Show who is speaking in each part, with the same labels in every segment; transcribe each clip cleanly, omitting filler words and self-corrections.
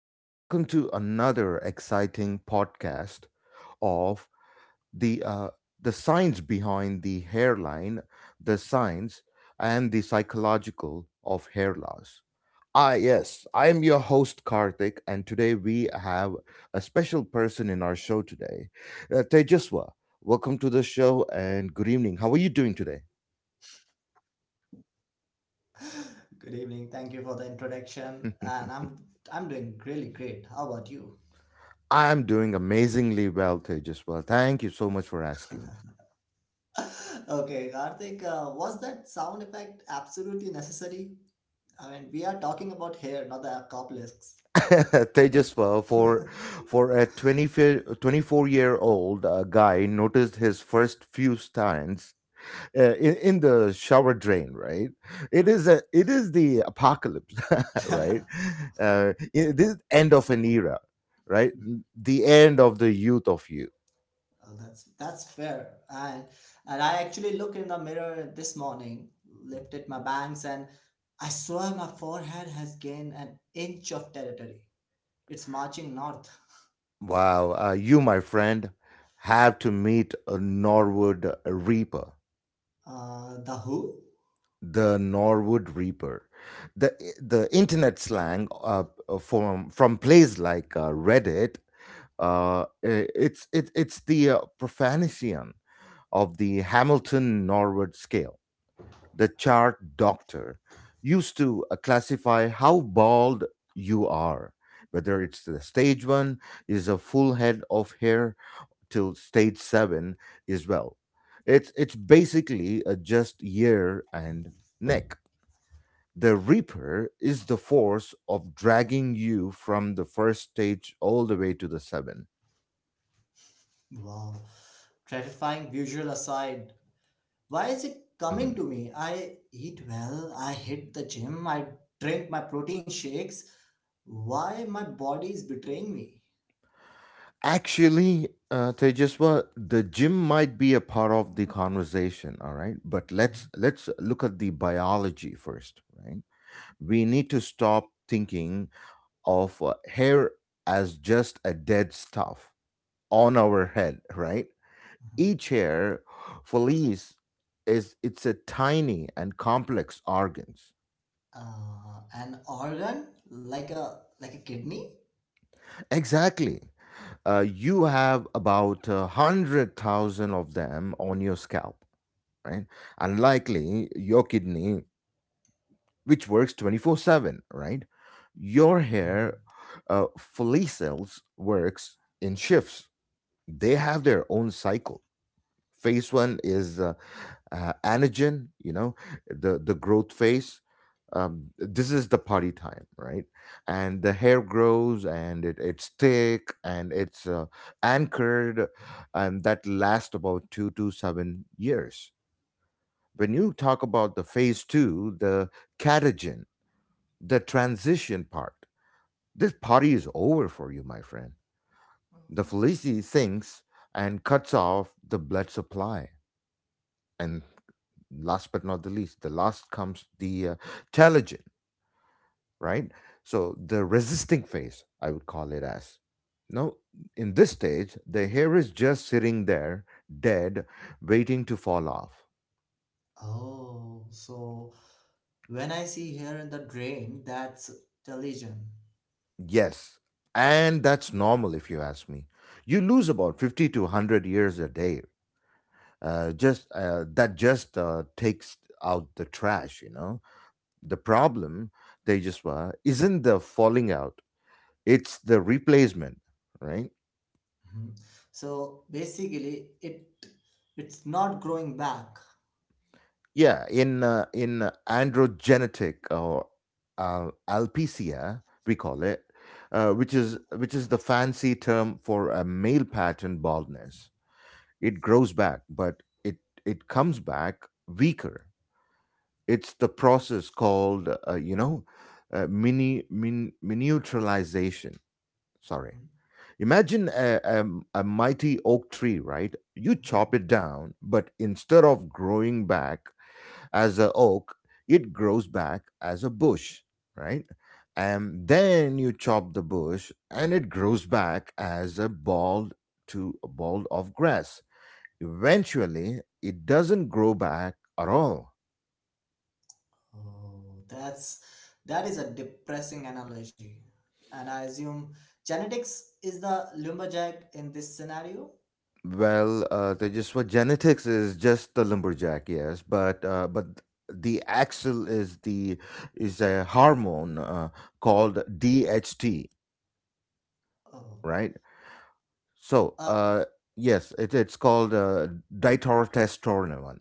Speaker 1: Welcome to another exciting podcast of the uh, the science behind the hairline, the science and the psychological of hair loss. Ah, yes, I am your host Karthik, and today we have a special person in our show today, Tejaswa. Welcome to the show, and good evening. How are you doing today?
Speaker 2: Good evening. Thank you for the introduction. And I'm doing really great. How about you?
Speaker 1: I am doing amazingly well, Tejaswa. Thank you so much for asking.
Speaker 2: Okay, Karthik, was that sound effect absolutely necessary? I mean, we are talking about hair, not the obelisks.
Speaker 1: Tejas, for a 24-year-old guy, noticed his first few stands in the shower drain. Right, it is the apocalypse, right? This end of an era, right? The end of the youth of you.
Speaker 2: Oh, that's fair. And I actually looked in the mirror this morning, lifted my bangs, and I swear my forehead has gained an inch of territory. It's marching north.
Speaker 1: Wow, you, my friend, have to meet a Norwood Reaper,
Speaker 2: The who?
Speaker 1: the Norwood Reaper. the internet slang from places like Reddit. It's the profanation of the Hamilton Norwood scale. The chart doctor used to classify how bald you are, whether it's the stage one is a full head of hair till stage seven is well. It's basically just ear and neck. The Reaper is the force of dragging you from the first stage all the way to the 7.
Speaker 2: Wow. Terrifying visual aside, why is it coming
Speaker 1: Mhm.
Speaker 2: to me? I eat well, I hit the gym, I drink my protein shakes. Why my body is betraying me?
Speaker 1: Actually, Tejaswa, the gym might be a part of the conversation, all right? But
Speaker 2: Mhm,
Speaker 1: let's look at the biology first, right? We need to stop thinking of hair as just a dead stuff on our head, right?
Speaker 2: mhm.
Speaker 1: Each hair, fleece, is it's a tiny and complex organs.
Speaker 2: An organ like a kidney?
Speaker 1: Exactly. You have about 100,000 of them on your scalp, right? Unlikely your kidney, which works 24/7, right?
Speaker 2: Mhm.
Speaker 1: Your hair follicles works in shifts. They have their own cycle. Phase one is anagen, you know, the growth phase. This is the party time, right, and the hair grows and it's thick and it's anchored, and that lasts about 2 to 7 years. When you talk about the phase two, the catagen, the transition part, this party is over for you, my friend. The felicity sinks and cuts off the blood supply and. Last but not the least, the last comes the telogen, right? So the resisting phase, I would call it as. Now, in this stage, the hair is just sitting there, dead, waiting to fall off.
Speaker 2: Oh, so when I see here in the drain, that's the lesion.
Speaker 1: Yes, and that's normal if you ask me. You lose about 50 to 100 years a day. Just That just takes out the trash, you know. The problem, they just were, isn't the falling out; it's the replacement, right?
Speaker 2: Mhm. So basically, it's not growing back.
Speaker 1: Yeah, in androgenetic or alopecia, we call it, which is the fancy term for a male pattern baldness. It grows back, but it comes back weaker. It's the process called, miniaturization. Sorry. Imagine a mighty oak tree, right? You
Speaker 2: Mhm.
Speaker 1: chop it down, but instead of growing back as a oak, it grows back as a bush, right? And then you chop the bush and it grows back as a bald to a bald of grass. Eventually, it doesn't grow back at all.
Speaker 2: Oh, that is a depressing analogy. And I assume genetics is the lumberjack in this scenario.
Speaker 1: Well, they just what genetics is just the lumberjack, yes, but the axle is the is a hormone called DHT,
Speaker 2: Oh,
Speaker 1: right? So,
Speaker 2: uh,
Speaker 1: yes, it's called Ditorotestosterone.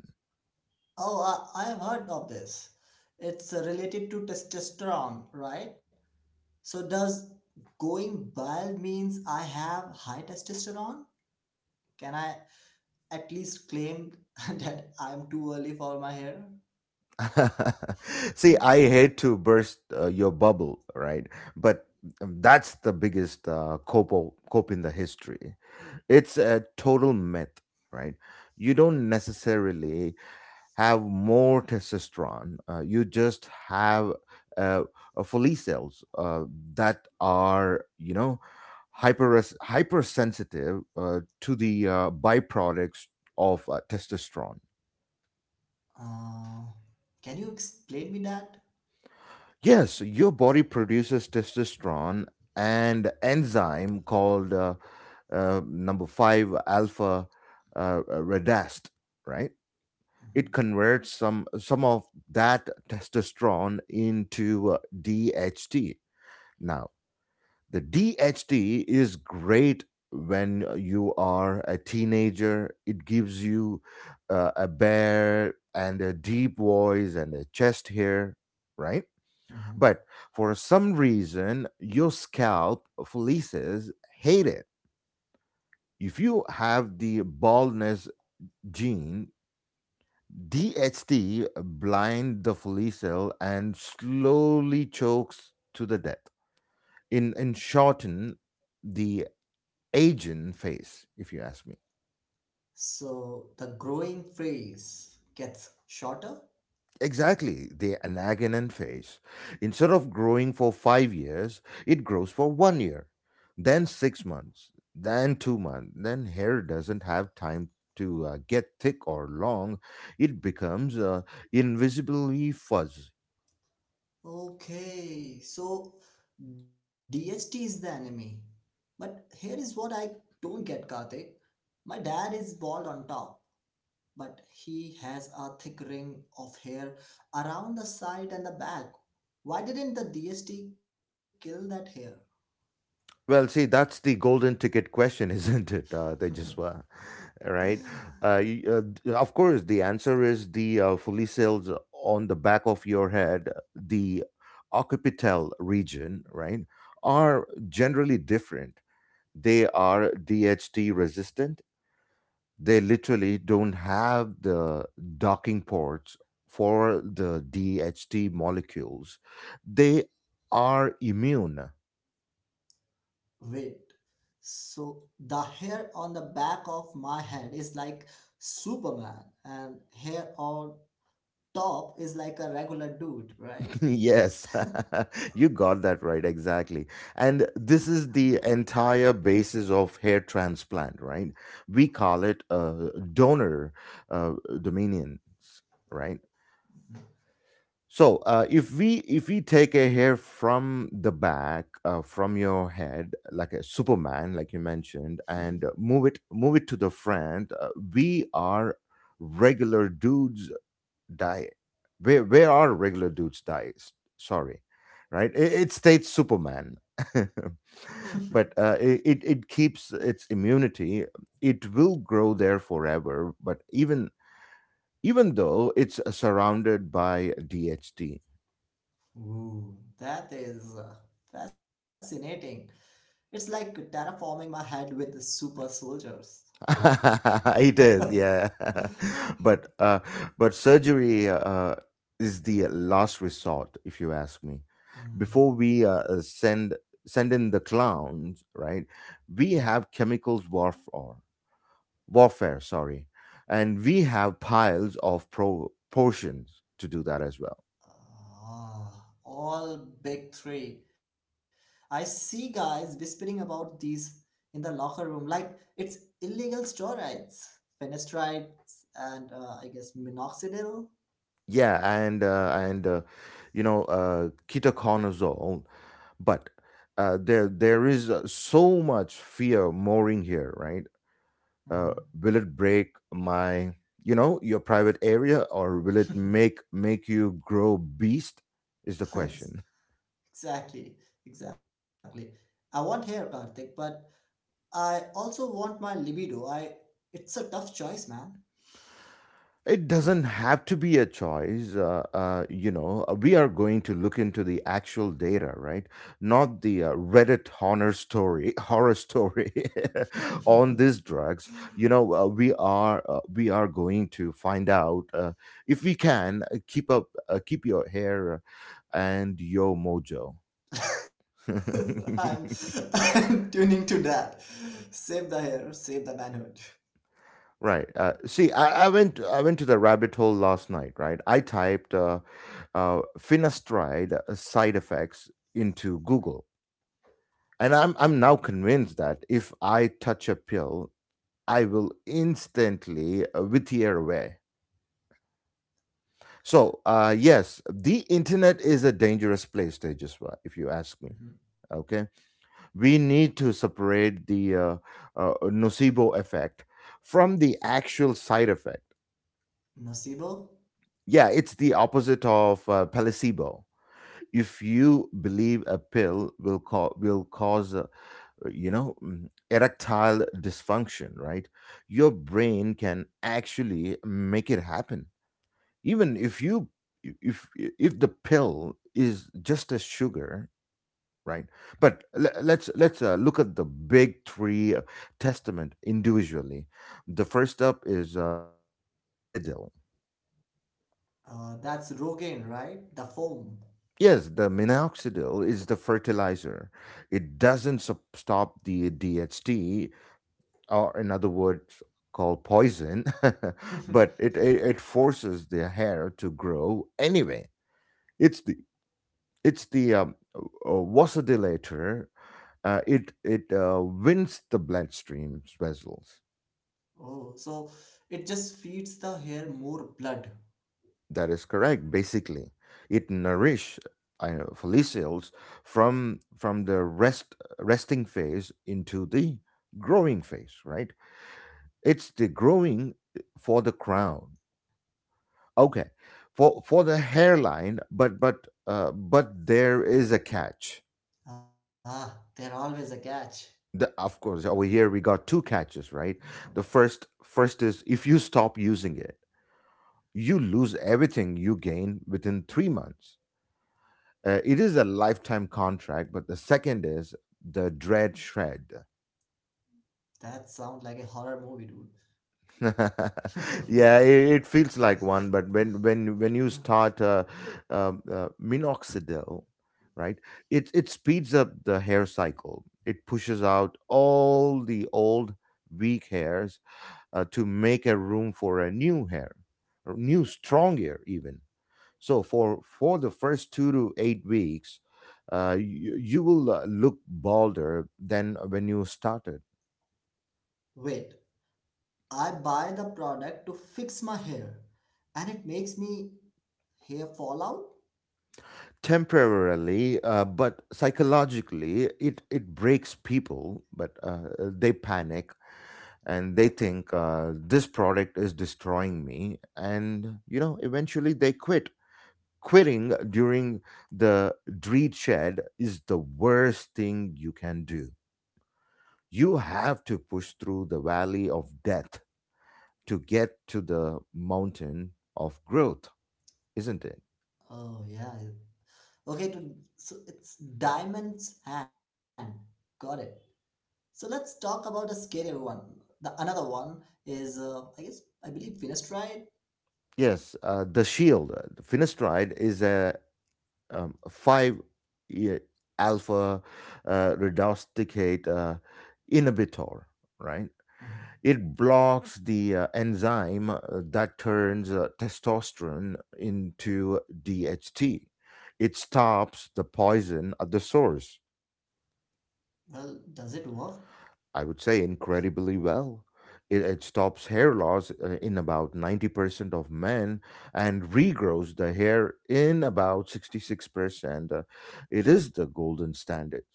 Speaker 2: oh, I have heard of this. It's related to testosterone, right? So does going bald means I have high testosterone? Can I at least claim that I'm too early for my hair?
Speaker 1: See, I hate to burst your bubble, right? But that's the biggest cope in the history. It's a total myth, right? You don't necessarily have more testosterone. You just have uh, follicle uh, that are, you know, hypersensitive to the byproducts of testosterone.
Speaker 2: Uh, can you explain me that?
Speaker 1: Yes, your body produces testosterone and enzyme called number five alpha redast, right?
Speaker 2: Mhm,
Speaker 1: It converts some of that testosterone into DHT. Now, the DHT is great when you are a teenager. It gives you a bare and a deep voice and a chest hair, right?
Speaker 2: mhm.
Speaker 1: But for some reason, your scalp fleeces hate it. If you have the baldness gene, DHT blind the fully cell and slowly chokes to the death. In shorten the Aegean phase, if you ask me.
Speaker 2: So the growing phase gets shorter?
Speaker 1: Exactly, the Anagenin phase. Instead of growing for 5 years, it grows for 1 year, then 6 months, then 2 months. Then hair doesn't have time to get thick or long. It becomes invisibly fuzzy.
Speaker 2: Okay, so DST is the enemy. But here is what I don't get, Karthik. My dad is bald on top, but he has a thick ring of hair around the side and the back. Why didn't the DST kill that hair?
Speaker 1: Well, see, that's the golden ticket question, isn't it? They just were, right? Of course, the answer is the fully cells on the back of your head, the occipital region, right, are generally different. They are DHT resistant. They literally don't have the docking ports for the DHT molecules. They are immune.
Speaker 2: Wait, so the hair on the back of my head is like Superman, and hair on top is like a regular dude, right?
Speaker 1: Yes, you got that right, exactly. And this is the entire basis of hair transplant, right? We call it donor uh, dominions, right? So if we take a hair from the back, from your head, like a Superman, like you mentioned, and move it to the front, we are regular dudes diet, where are regular dudes diets, sorry, right, it states superman. But it it keeps its immunity. It will grow there forever, but even even though it's surrounded by dht.
Speaker 2: Ooh, that is fascinating. It's like terraforming my head with super soldiers.
Speaker 1: It is, yeah. But but surgery is the last resort, if you ask me.
Speaker 2: Mm,
Speaker 1: Before we send in the clowns, right? We
Speaker 2: mm.
Speaker 1: have chemicals warfare, sorry, and we have piles of pro- portions to do that as well.
Speaker 2: Ah, all big three. I see guys whispering about these in the locker room like it's illegal steroids, fenestrides, and I guess minoxidil.
Speaker 1: Yeah, and you know, ketoconazole, but there is so much fear mooring here, right? uh,
Speaker 2: Mhm.
Speaker 1: will it break my, you know, your private area, or will it make you grow beast, is the question.
Speaker 2: Exactly, exactly. I want hair, Karthik, but I also want my libido. I it's a tough choice, man.
Speaker 1: It doesn't have to be a choice. You know, we are going to look into the actual data, right? Not the Reddit horror story, horror story on these drugs. You know, we are going to find out if we can keep your hair and your mojo.
Speaker 2: I'm, I'm tuning to that. Save the hair, save the manhood.
Speaker 1: Right. See, I went to the rabbit hole last night. Right. I typed finasteride side effects into Google, and I'm
Speaker 2: Mhm,
Speaker 1: I'm now convinced that if I touch a pill, I will instantly wither away. So, yes, the internet is a dangerous place, Tejaswa, if you ask me.
Speaker 2: mhm.
Speaker 1: Okay, we need to separate the nocebo effect from the actual side effect.
Speaker 2: Nocebo.
Speaker 1: Yeah, it's the opposite of placebo. If you believe a pill will cause, erectile dysfunction, right? Your brain can actually make it happen. Even if you if the pill is just a sugar, right? But le- let's look at the big three testament individually. The first up is minoxidil.
Speaker 2: That's Rogaine, right? The foam.
Speaker 1: Yes, the minoxidil is the fertilizer. It doesn't stop the DHT, or in other words, called poison, but it forces the hair to grow anyway. It's the it's the vasodilator. It wins the bloodstream vessels.
Speaker 2: Oh, so it just feeds the hair more blood.
Speaker 1: That is correct. Basically, it nourish follicles from the rest resting phase into the growing phase. Right? It's the growing for the crown. Okay, for the hairline, but but there is a catch.
Speaker 2: Ah, they're always a catch.
Speaker 1: Of course, over here we got two catches, right? The
Speaker 2: Okay,
Speaker 1: first is if you stop using it, you lose everything you gain within 3 months. It is a lifetime contract, but the second is the dread shred.
Speaker 2: that sounds like a horror movie, dude.
Speaker 1: Yeah, it feels like one, but when you start minoxidil, right? It speeds up the hair cycle. It pushes out all the old weak hairs to make a room for a new hair, or new strong hair even. So for the first 2 to 8 weeks, you will look bolder than when you started.
Speaker 2: Wait, I buy the product to fix my hair and it makes me hair fall out?
Speaker 1: Temporarily, but psychologically, it breaks people. But they panic and they think this product is destroying me, and you know eventually they quit. Quitting during the dread shed is the worst thing you can do. You have to push through the valley of death to get to the mountain of growth, isn't it?
Speaker 2: Oh, yeah. Okay, so it's Diamond's hand. Got it. So let's talk about the scarier one. The another one is, I guess, I believe Venus tried.
Speaker 1: Yes, the finasteride, is a 5, yeah, alpha reductase inhibitor, right? It blocks the enzyme that turns testosterone into DHT. It stops the poison at the source.
Speaker 2: Well, does it work?
Speaker 1: I would say incredibly well. It stops hair loss in about 90% of men and regrows the hair in about 66%. It is the golden standard.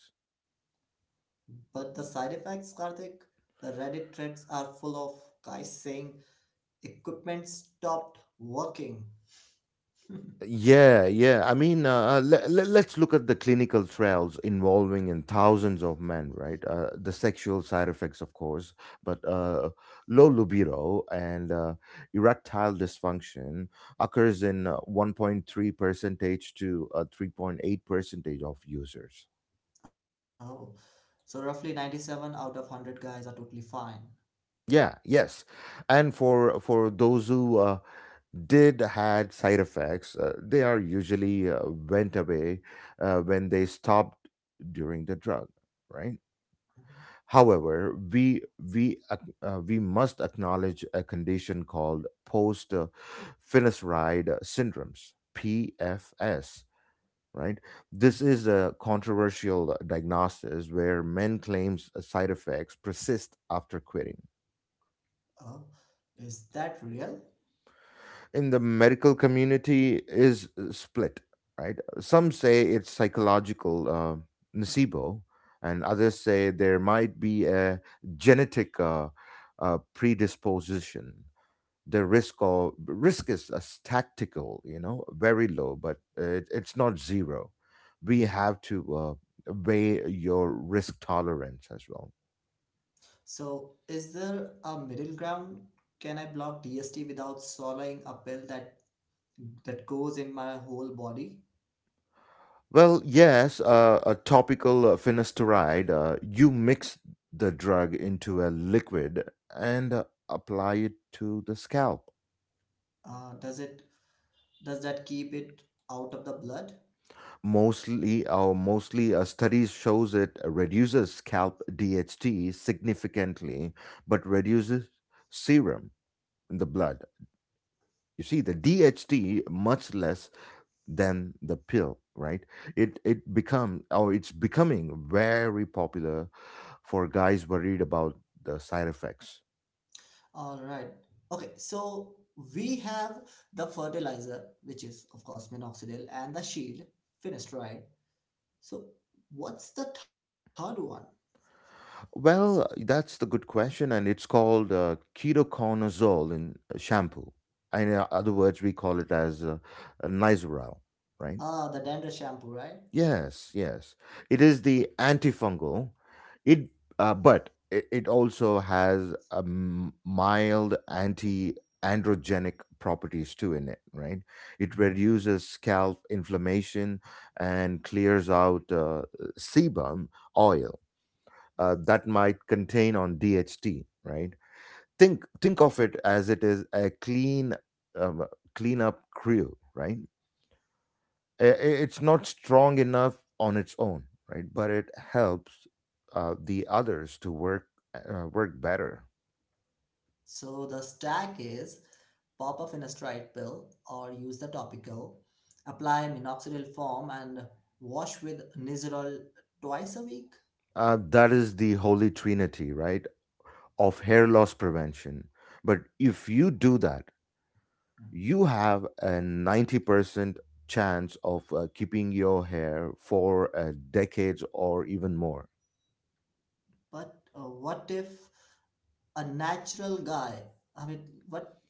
Speaker 2: But the side effects, Karthik, the Reddit threads are full of guys saying equipment stopped working.
Speaker 1: Yeah, yeah. I mean, let's look at the clinical trials involving in thousands of men, right? The sexual side effects, of course, but low libido and erectile dysfunction occurs in 1.3 percentage to 3.8 percentage of users.
Speaker 2: Oh, so roughly 97 out of 100 guys are totally fine.
Speaker 1: Yeah, yes. And for those who did had side effects. They are usually went away when they stopped during the drug, right?
Speaker 2: Mhm.
Speaker 1: However, we must acknowledge a condition called post finasteride syndromes (PFS). Right, this is a controversial diagnosis where men claims side effects persist after quitting
Speaker 2: Oh, is that real?
Speaker 1: in the medical community is split, right? Some say it's psychological nocebo, and others say there might be a genetic predisposition. The risk of risk is a tactical, you know, very low, but it's not zero. We
Speaker 2: Hmm.
Speaker 1: have to weigh your risk tolerance as well.
Speaker 2: So, is there a middle ground? Can I block DST without swallowing a pill that goes in my whole body?
Speaker 1: Well, yes, a topical finasteride, you mix the drug into a liquid and apply it to the scalp.
Speaker 2: Uh, does it does that keep it out of the blood?
Speaker 1: Mostly, or mostly, studies shows it reduces scalp DHT significantly, but reduces serum in the blood. You see, the DHT much less than the pill, right? It become, or it's becoming very popular for guys worried about the side effects.
Speaker 2: All right. Okay, so we have the fertilizer, which is of course minoxidil, and the shield, finished, right? So what's the third one?
Speaker 1: Well, that's the good question, and it's called ketoconazole in shampoo. In other words, we call it as nizoral, right?
Speaker 2: Ah, the dandruff shampoo, right?
Speaker 1: Yes, yes. It is the antifungal. It But it also has a mild anti-androgenic properties too in it, right? It
Speaker 2: Mhm.
Speaker 1: reduces scalp inflammation and clears out sebum oil that might contain on DHT, right? Think of it as it is a clean um, cleanup crew, right? It's not strong enough on its own, right, but it helps the others to work better.
Speaker 2: So the stack is pop a finasteride pill or use the topical, apply minoxidil foam and wash with Nizoral twice a week.
Speaker 1: That is the holy trinity, right, of hair loss prevention. But if you do that,
Speaker 2: Mhm.
Speaker 1: you have a 90% chance of keeping your hair for decades or even more.
Speaker 2: But what if a natural guy. I mean, what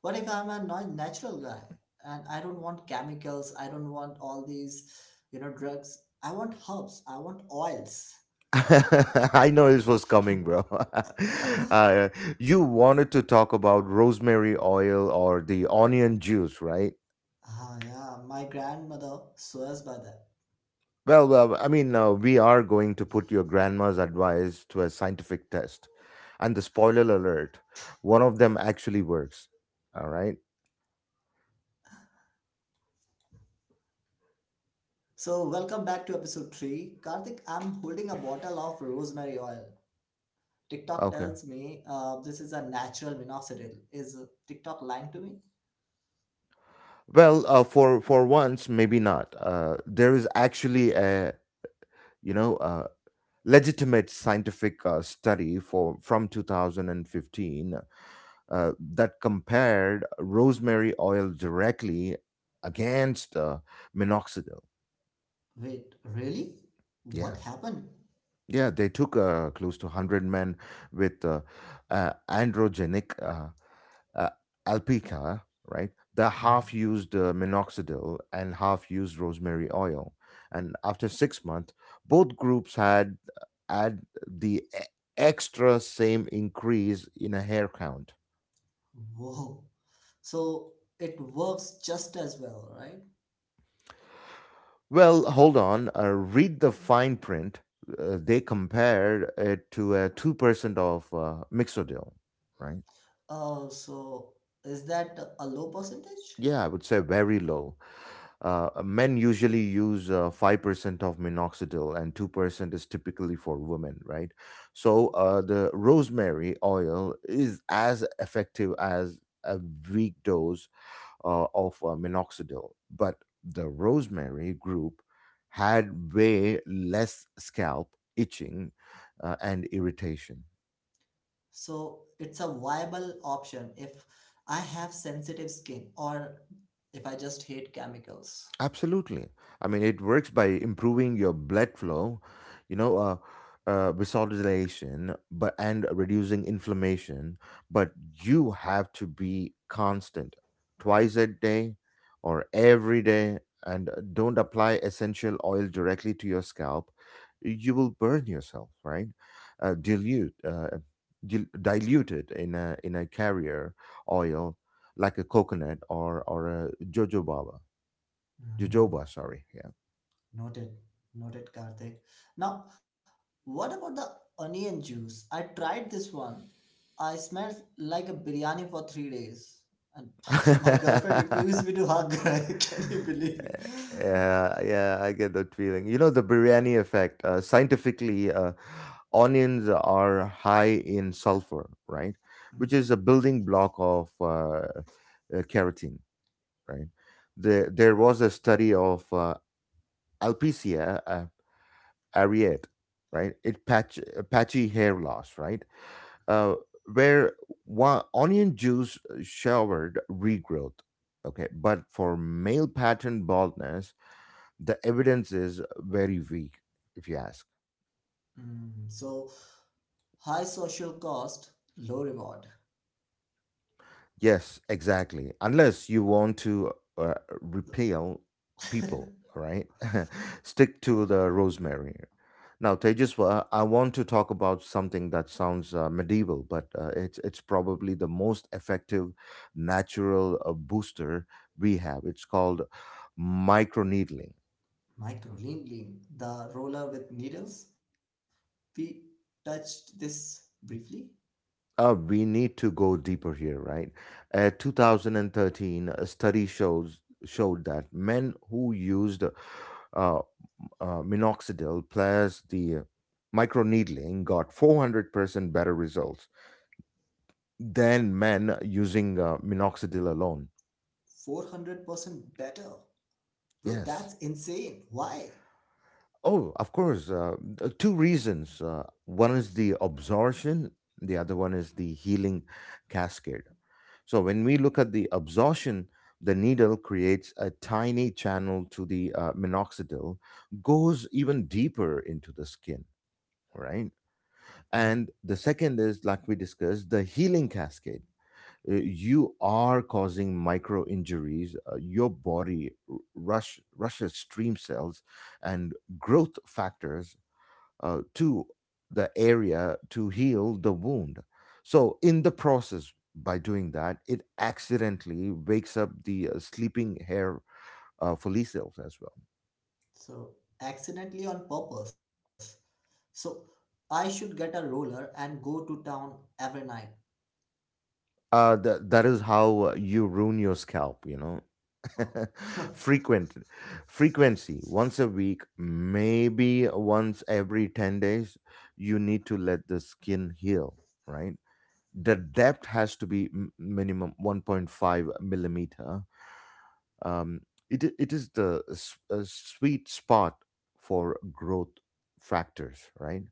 Speaker 2: what if I'm a natural guy and I don't want chemicals? I don't want all these, drugs. I want herbs. I want oils.
Speaker 1: I know this was coming, bro. uh, you wanted to talk about rosemary oil or the onion juice, right?
Speaker 2: Ah, yeah, my grandmother swears by that.
Speaker 1: Well, I mean, we are going to put your grandma's advice to a scientific test. And the spoiler alert, one of them actually works. All right.
Speaker 2: So, welcome back to episode 3. Karthik, I'm holding a bottle of rosemary oil. TikTok
Speaker 1: Okay.
Speaker 2: tells me this is a natural minoxidil. Is TikTok lying to me?
Speaker 1: Well, for once, maybe not. There is actually a, you know, legitimate scientific study for from 2015 that compared rosemary oil directly against minoxidil.
Speaker 2: Wait, really? What
Speaker 1: Yeah.
Speaker 2: happened?
Speaker 1: Yeah, they took close to 100 men with androgenic uh, alpica, right? The half
Speaker 2: Mhm.
Speaker 1: used minoxidil and half used rosemary oil. And after 6 months, both groups had had the e- extra same increase in a hair count.
Speaker 2: Whoa. So it works just as well, right?
Speaker 1: Well, hold on. Read the fine print. They compared it to a 2% of mixodyl, right?
Speaker 2: So is that a low percentage?
Speaker 1: Yeah, I would say very low. Men usually use 5% of minoxidil and 2% is typically for women, right? So the rosemary oil is as effective as a weak dose of minoxidil. But the rosemary group had way less scalp itching and irritation.
Speaker 2: So it's a viable option if I have sensitive skin or if I just hate chemicals.
Speaker 1: Absolutely. I mean, it works by improving your blood flow, you know, vasodilation, but and reducing inflammation. But you have to be constant, twice a day or every day, and don't apply essential oil directly to your scalp. You will burn yourself, right? Uh, dilute, uh, Dilute it in a carrier oil like a coconut or a jojoba
Speaker 2: Hmm.
Speaker 1: jojoba sorry, yeah.
Speaker 2: Noted, noted, Karthik. Now, what about the onion juice? I tried this one. I smelled like a biryani for 3 days, and my girlfriend refused me to hug. Can you believe
Speaker 1: Yeah, I get that feeling, you know, the biryani effect. Scientifically, onions are high in sulfur, right,
Speaker 2: it?
Speaker 1: which is a building block of keratin, right? There was a study of alopecia areate, right? It patchy hair loss, right? uh, where one onion juice showered regrowth. Okay, but for male pattern baldness, the evidence is very weak, if you ask.
Speaker 2: Mm, so high social cost, low reward.
Speaker 1: Yes, exactly. Unless you want to uh, repel people, right? Stick to the rosemary. Now, Tejaswa, I want to talk about something that sounds medieval, but it's probably the most effective natural booster we have. It's called microneedling.
Speaker 2: Micro lean, the roller with needles. We touched this briefly.
Speaker 1: We need to go deeper here, right? 2013, a study shows showed that men who used uh, minoxidil plus the microneedling got 400% better results than men using minoxidil alone.
Speaker 2: 400% better. Bro,
Speaker 1: Yes.
Speaker 2: that's insane. Why?
Speaker 1: Oh, of course. Two reasons. One is the absorption, the other one is the healing cascade. So, when we look at the absorption, the needle creates a tiny channel to the minoxidil, goes even deeper into the skin, right?
Speaker 2: Mhm.
Speaker 1: And the second is, like we discussed, the healing cascade. You are causing micro injuries. Your body rushes stream cells and growth factors to the area to heal the wound. So, in the process, by doing that, it accidentally wakes up the sleeping hair follicles as well.
Speaker 2: So, accidentally on purpose. So, I should get a roller and go to town every night.
Speaker 1: That is how you ruin your scalp, you know.
Speaker 2: Oh.
Speaker 1: frequent Frequency once a week, maybe once every 10 days. You need to let the skin heal, right? The depth has to be minimum 1.5 millimeter. um it is the sweet spot for growth factors, right?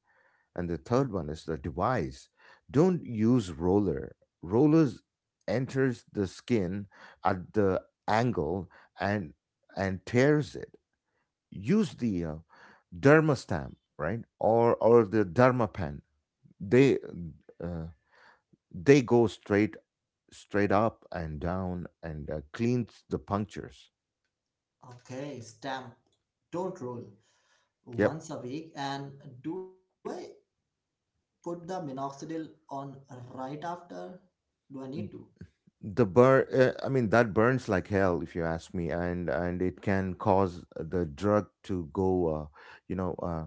Speaker 1: And the third one is the device. Don't use roller. Rollers enters the skin at the angle and and tears it. Use the derma stamp, right? Or the derma pen. They uh, go straight up and down and cleans the punctures.
Speaker 2: Okay, stamp. Don't roll.
Speaker 1: Yep.
Speaker 2: Once a week. And do I put the minoxidil on right after? Do I need to?
Speaker 1: The burn, I mean, that burns like hell, if you ask me, and it can cause the drug to go, you know,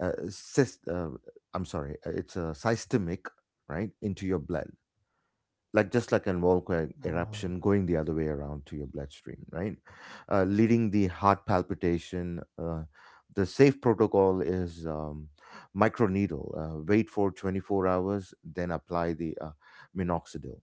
Speaker 1: uh, sys- uh, I'm sorry, it's systemic, right, into your blood. Like just like an volcanic
Speaker 2: Oh,
Speaker 1: eruption going the other way around to your bloodstream, right? Leading the heart palpitation. The safe protocol is microneedle. Wait for 24 hours, then apply the minoxidil.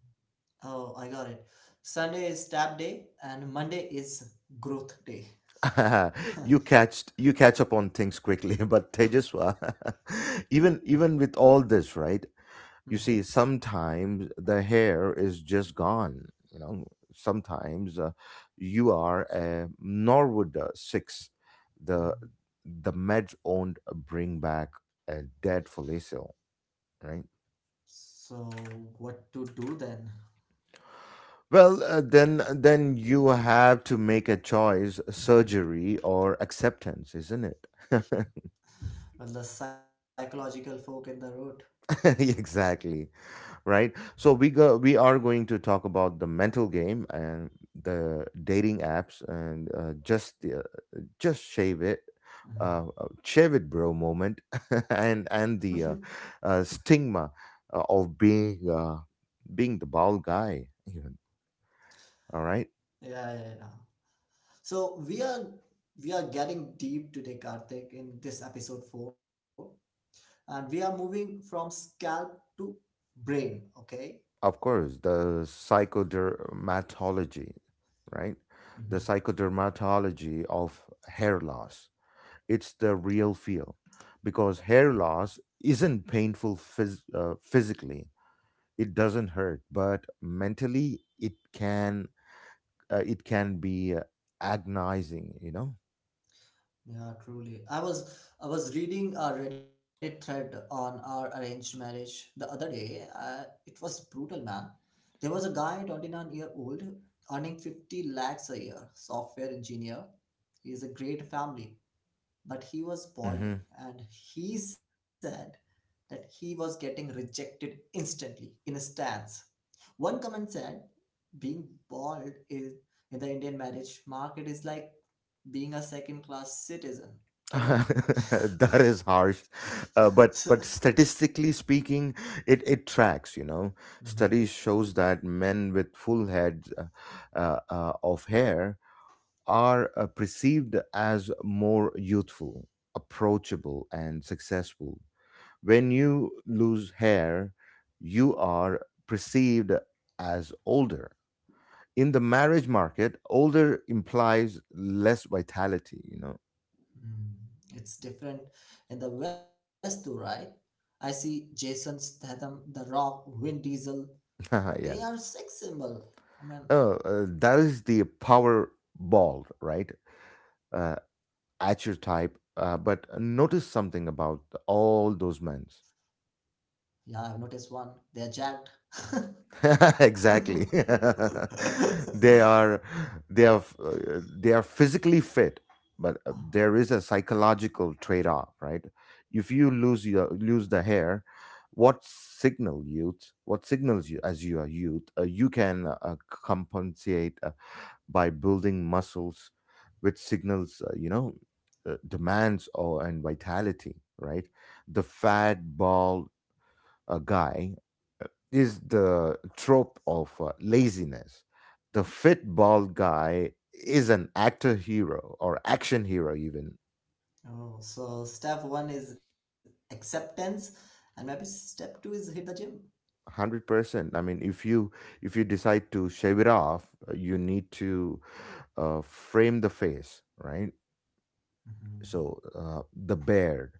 Speaker 2: oh, I got it. Sunday is tap day and Monday is growth day.
Speaker 1: You catch up on things quickly, but Tejaswa, even with all this, right?
Speaker 2: Mhm,
Speaker 1: You see sometimes the hair is just gone, you know. Sometimes you are a norwood 6, the
Speaker 2: mhm.
Speaker 1: the meds owned bring back a dead follicle, right.
Speaker 2: So, what to do then?
Speaker 1: Well, then you have to make a choice, surgery or acceptance, isn't it?
Speaker 2: Well, the psychological folk in the road.
Speaker 1: Exactly, right. So we are going to talk about the mental game and the dating apps and just the just
Speaker 2: Mhm.
Speaker 1: shave it bro moment, and the stigma of being the bald guy even, all right?
Speaker 2: Yeah, yeah, yeah. So we are we are getting deep today, Karthik, in this episode four, and we are moving from scalp to brain. Okay.
Speaker 1: Of course, the psychodermatology, right? The psychodermatology of hair loss, it's the real feel, because hair loss isn't painful physically, it doesn't hurt, but mentally it can, it can be agonizing, you know.
Speaker 2: Yeah, truly. I was reading a Reddit thread on our arranged marriage the other day. It was brutal, man. There was a guy, 29-year-old, earning 50 lakhs a year, software engineer. He is a great family, but he was
Speaker 1: Hmm.
Speaker 2: balding, and he said that he was getting rejected instantly in a stance. One comment said, "Being bald is in the Indian marriage market is like being a second class citizen." Can you?
Speaker 1: That is harsh. But statistically speaking, it tracks, you know.
Speaker 2: Mhm.
Speaker 1: Studies shows that men with full heads of hair are perceived as more youthful, approachable and successful. When you lose hair, you are perceived as older. In the marriage market, older implies less vitality, you know.
Speaker 2: Mm. It's different in the West too, right? I see Jason Statham, The Rock, Vin Diesel.
Speaker 1: Yeah.
Speaker 2: They are sex symbol. I mean,
Speaker 1: Oh, that is the power ball, right? Uh, at your type. But notice something about all those men.
Speaker 2: yeah, I've noticed one. They are jacked.
Speaker 1: Exactly. they are they are physically fit, but there is a psychological trade off, right? If you lose the hair, what signals you as you are youth, you can compensate by building muscles, which signals you know, demands or and vitality, right? The fat bald a guy is the trope of laziness. The fit bald guy is an actor hero or action hero even.
Speaker 2: Oh, so step one is acceptance, and maybe step two is hit the gym.
Speaker 1: 100%. I mean, if you decide to shave it off, you need to frame the face, right? So
Speaker 2: Mhm.
Speaker 1: the beard,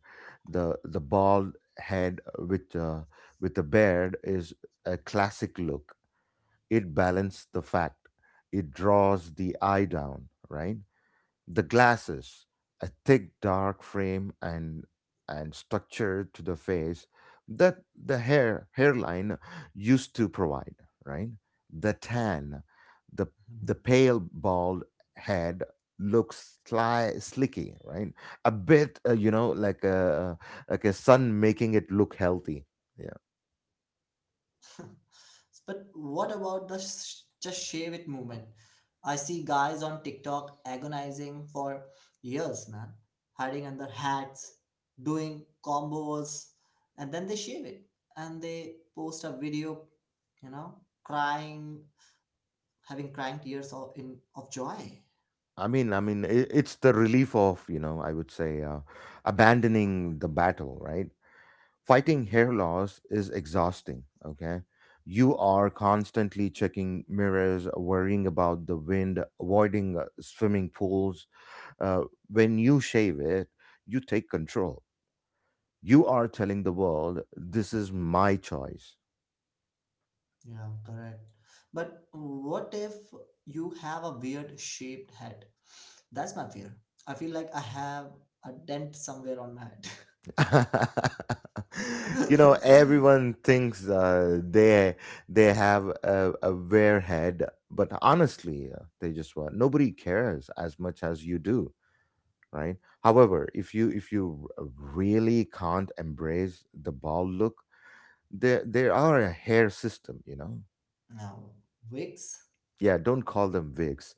Speaker 1: the bald head with the beard is a classic look. It balances the fact. It draws the eye down, right? The glasses, a thick dark frame and structure to the face that the hairline used to provide, right? The tan, the
Speaker 2: Mhm.
Speaker 1: the pale bald head looks slicky, right? A bit, you know, like a sun making it look healthy. Yeah,
Speaker 2: But what about the just shave it movement? I see guys on TikTok agonizing for years, man, hiding under hats, doing combos, and then they shave it and they post a video, you know, crying, having crying tears of, in of joy.
Speaker 1: I mean, I mean, I it's the relief of, you know, I would say, abandoning the battle, right? Fighting hair
Speaker 2: Hmm.
Speaker 1: loss is exhausting, okay? You are constantly checking mirrors, worrying about the wind, avoiding swimming pools. uh, when you shave it, you take control. You are telling the world, this is my choice.
Speaker 2: Yeah, correct. But what if you have a weird shaped head? That's my fear. I feel like I have a dent somewhere on my head.
Speaker 1: You know, everyone thinks they have a wear head, but honestly, they just want, nobody cares as much as you do, right? However, if you really can't embrace the bald look, there are a hair system.
Speaker 2: Now, wigs?
Speaker 1: Yeah, don't call them wigs.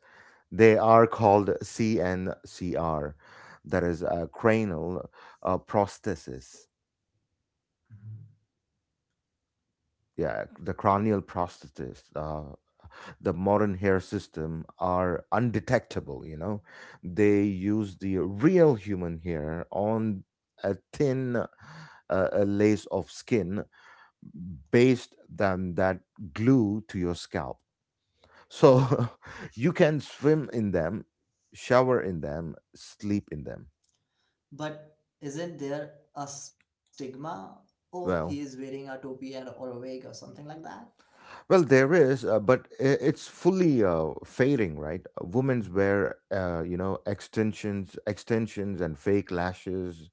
Speaker 1: They are called cncr. That is a cranial prosthesis.
Speaker 2: Mhm.
Speaker 1: Yeah, the cranial prosthesis. The modern hair system are undetectable. They use the real human hair on a thin, a lace of skin, based than that, glue to your scalp. So, you can swim in them, shower in them, sleep in them.
Speaker 2: But isn't there a stigma? Oh, he is
Speaker 1: Well,
Speaker 2: wearing a topi and or a wig or something like that.
Speaker 1: there is, but it's fully fading, right? Women's
Speaker 2: Mhm.
Speaker 1: wear, extensions, and fake lashes,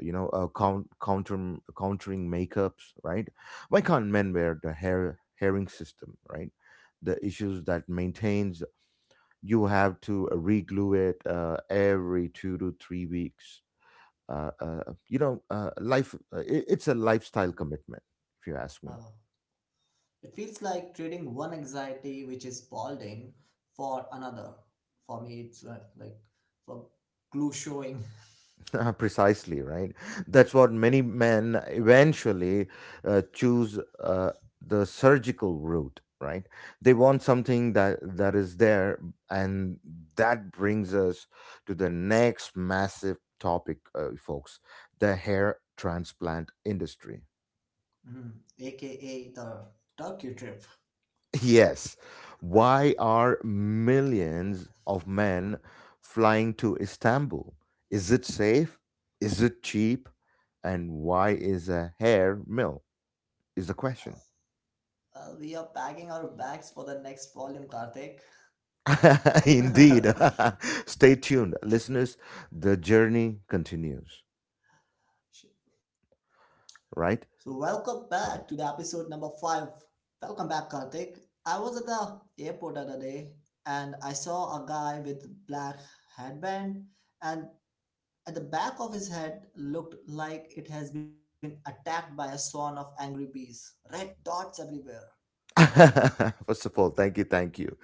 Speaker 1: counter countering makeups, right? Why can't men wear the hair herring system, right? The issues that maintains, you have to reglue it every 2 to 3 weeks. Life, it's a lifestyle commitment, if you ask me.
Speaker 2: Uh, it feels like trading one anxiety, which is balding, for another. For me, it's like for glue showing,
Speaker 1: Precisely, right? That's what many men eventually choose the surgical route, right? They want something that is there, and that brings us to the next massive topic, folks, the hair transplant industry.
Speaker 2: mm, aka the Turkey trip.
Speaker 1: Yes. Why are millions of men flying to Istanbul? Is it safe? Is it cheap? And why is a hair mill? Is the question.
Speaker 2: Well, we are packing our bags for the next volume, Karthik.
Speaker 1: Indeed. Stay tuned, listeners. The journey continues,
Speaker 2: So,
Speaker 1: right?
Speaker 2: welcome back to the episode number five. Welcome back, Karthik. I was at the airport the other day and I saw a guy with black headband, and at the back of his head looked like it has been attacked by a swarm of angry bees. Red dots everywhere.
Speaker 1: First of all, thank you, thank you.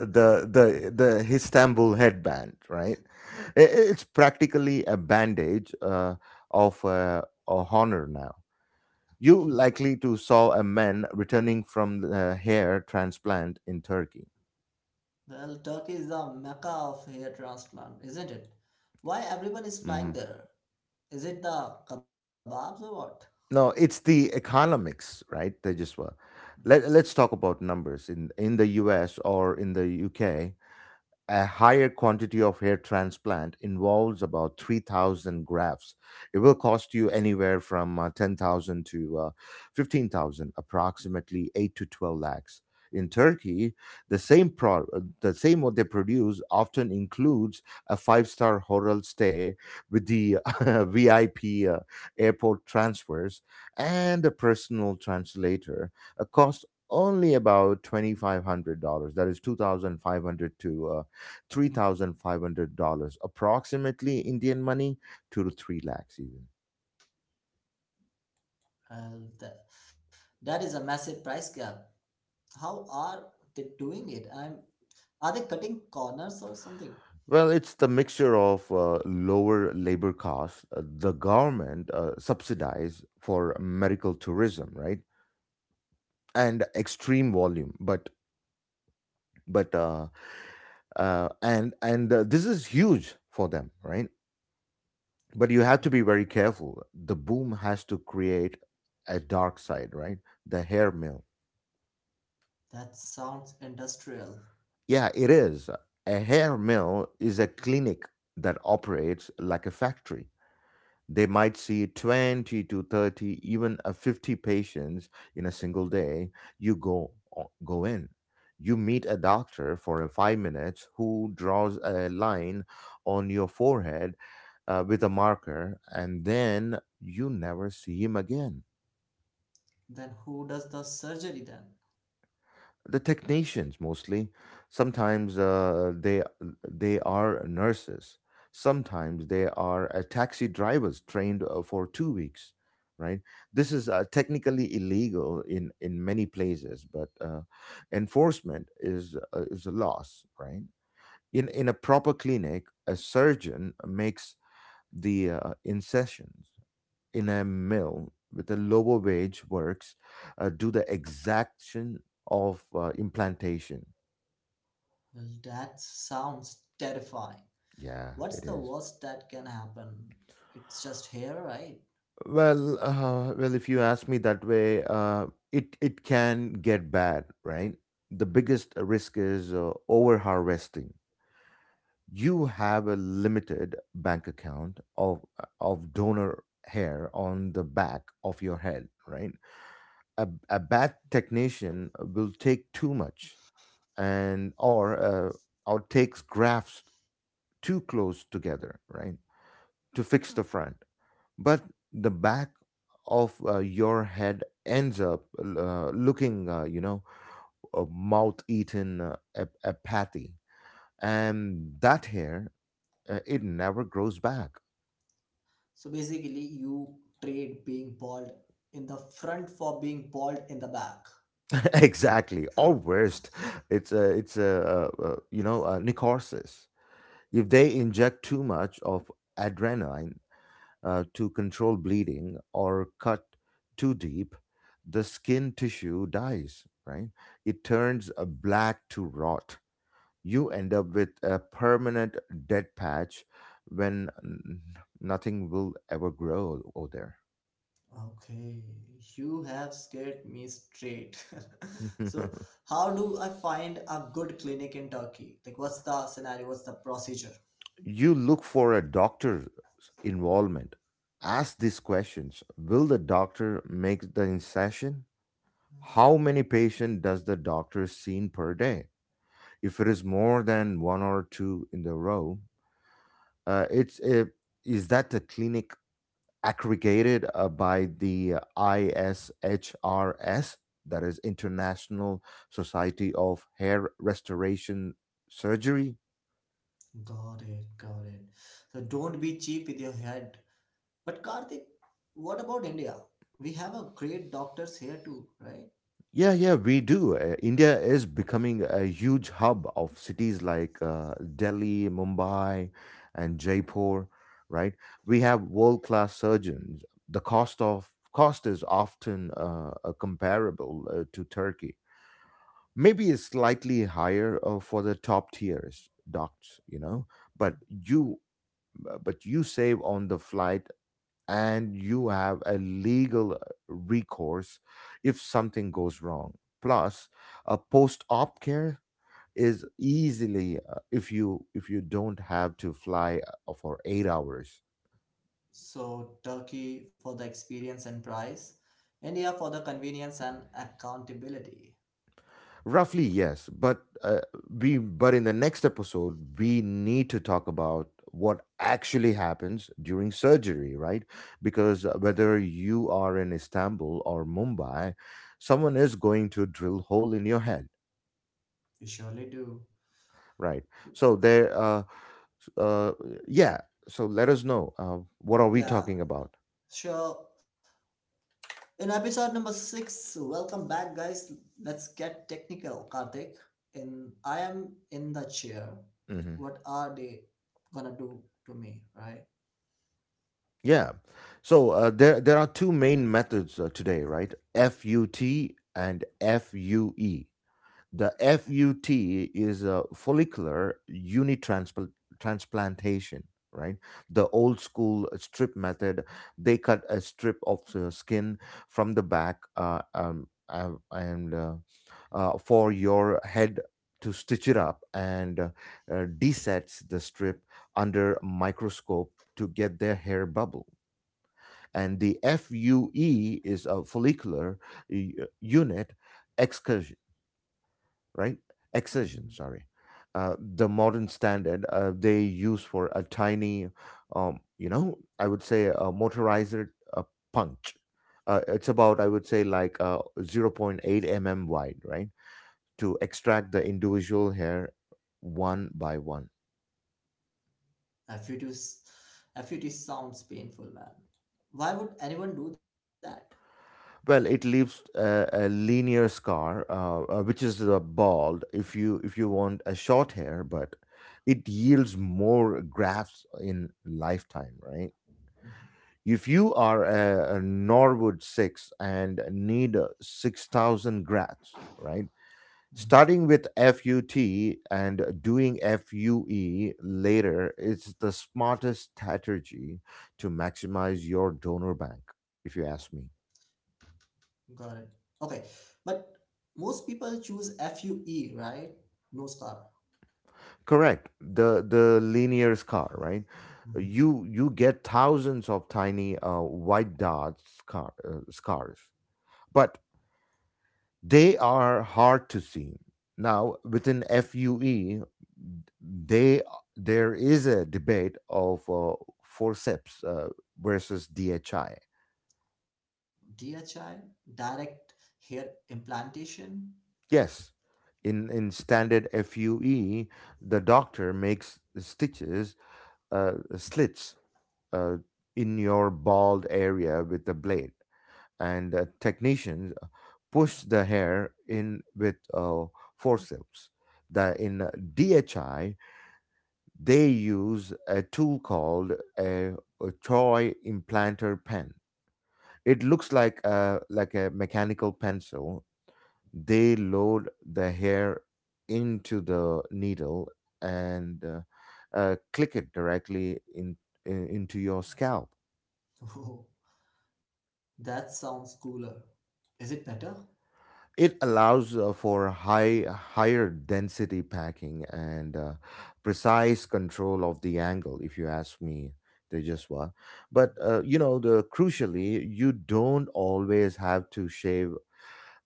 Speaker 1: The Istanbul headband, right? It's practically a bandage of a honor now. You likely to saw a man returning from the hair transplant in Turkey.
Speaker 2: Well, Turkey is the mecca of hair transplant, isn't it? Why everyone is flying
Speaker 1: Mhm.
Speaker 2: there? Is it the kebabs or what?
Speaker 1: No, it's the economics, right? They just were. Let's talk about numbers in the U.S. or in the U.K. A higher quantity of hair transplant involves about 3,000 grafts. It will cost you anywhere from 10,000 to 15,000, approximately 8 to 12 lakhs. In Turkey, the same what they produce often includes a five-star hotel stay with the VIP airport transfers and a personal translator, a cost only about $2,500. That is 2,500 to $3,500, approximately Indian money, two to three lakhs even.
Speaker 2: Well, that is a massive price gap. How are they doing it? I'm are they cutting corners or something?
Speaker 1: Well, it's the mixture of lower labor costs, the government subsidize for medical tourism, right, and extreme volume, but and this is huge for them, right? But you have to be
Speaker 2: Yeah,
Speaker 1: very careful. The boom has to create a dark side, right? The hair mill.
Speaker 2: that sounds industrial.
Speaker 1: Yeah, it is. A hair mill is a clinic that operates like a factory. They might see 20 to 30, even a 50 patients in a single day. You go in. You meet a doctor for a 5 minutes who draws a line on your forehead with a marker, and then you never see him again.
Speaker 2: Then who does the surgery then?
Speaker 1: The technicians, mostly. Sometimes they are nurses. Sometimes they are taxi drivers, trained for 2 weeks, right? This is technically illegal in many places, but enforcement is a loss, right? In a proper clinic, a surgeon makes the incisions. In a mill, with a lower wage works, do the exaction of implantation.
Speaker 2: Well, that sounds terrifying.
Speaker 1: Yeah,
Speaker 2: What's
Speaker 1: it
Speaker 2: the
Speaker 1: is.
Speaker 2: worst that can happen? It's just hair, right?
Speaker 1: Well, if you ask me that way, it can get bad, right? The biggest risk is over harvesting. You have a limited bank account of donor hair on the back of your head, right? A bad technician will take too much, and or takes grafts too close together, right, to fix the front. But the back of your head ends up looking, a mouth-eaten, apathy, and that hair, it never grows back.
Speaker 2: So basically, you trade being bald in the front for being bald in the back.
Speaker 1: Exactly, or
Speaker 2: Okay,
Speaker 1: worst, it's a a necrosis. If they inject too much of adrenaline to control bleeding, or cut too deep, the skin tissue dies, right? It turns black to rot. You end up with a permanent dead patch, when nothing will ever grow over
Speaker 2: you have scared me straight. So,
Speaker 1: there.
Speaker 2: how do I find a good clinic in Turkey? Like, what's the scenario? What's the procedure?
Speaker 1: You look for a doctor's involvement. Ask these questions. Will the doctor make the incision? How many patients does the doctor seen per day? If it is more than one or two in the row, uh, it's it, is that the clinic aggregated by the ISHRS, that is International Society of Hair Restoration Surgery?
Speaker 2: Got it, got it. So, don't be cheap with your head. But, Karthik, what about India? We have a great doctors here too, right?
Speaker 1: Yeah, yeah, we do. India is becoming a huge hub of cities like Delhi, Mumbai, and Jaipur, right? We have world-class surgeons. The cost is often comparable to Turkey. Maybe it's slightly higher for the top tiers docs, but you you save on the flight, and you have a legal recourse if something goes wrong. Plus, a post-op care is easily, if you don't have to fly for 8 hours.
Speaker 2: So, Turkey for the experience and price, India for the convenience and accountability.
Speaker 1: Roughly, yes, but in the next episode we need to talk about what actually happens during surgery, right? Because whether you are in Istanbul or Mumbai, someone is going to drill hole in your head.
Speaker 2: We surely do.
Speaker 1: Right. So there. S- uh, yeah. So let us know. What are we talking
Speaker 2: Yeah,
Speaker 1: about?
Speaker 2: sure. In episode number six, welcome back, guys. Let's get technical, Karthik. In I am in the chair.
Speaker 1: Hmm.
Speaker 2: What are they gonna do to me, right?
Speaker 1: Yeah. So, there are two main methods today, right? FUT and FUE. The FUT is a follicular transplantation, right? The old school strip method, they cut a strip of skin from the back, and for your head, to stitch it up, and desets the strip under microscope to get their hair bubble. And the FUE is a follicular unit, right? Excision,
Speaker 2: Mm-hmm.
Speaker 1: sorry. The modern standard, they use for a tiny, I would say, a motorizer uh punch. It's about, I would say, like, zero point 0.8 mm wide, right? To extract the individual hair one by one.
Speaker 2: FUT, sounds painful, man. Why would anyone do that?
Speaker 1: Well, it leaves a linear scar, which is the bald. If you want a short hair, but it yields more grafts in lifetime, right? If you are a Norwood 6 and need 6,000 grats, right?
Speaker 2: Mhm.
Speaker 1: Starting with FUT and doing FUE later is the smartest strategy to maximize your donor bank, if you ask me.
Speaker 2: Got it. Okay, but most people choose FUE, right? No scar.
Speaker 1: Correct. The linear scar, right? You
Speaker 2: Mhm.
Speaker 1: you get thousands of tiny white scars. But they are hard to see. Now, within FUE, they there is a debate of forceps versus DHI.
Speaker 2: DHI, direct hair implantation.
Speaker 1: Yes, in standard FUE, the doctor makes stitches, slits, uh, in your bald area with a blade, and technicians push the hair in with forceps. The in DHI, they use a tool called a, a toy implanter pen. It looks like a mechanical pencil. They load the hair into the needle, and click it directly in into your scalp.
Speaker 2: Oh, that sounds cooler. Is it better?
Speaker 1: It allows for higher density packing and precise control of the angle, if you ask me, Tejaswa. But the crucially, you don't always have to shave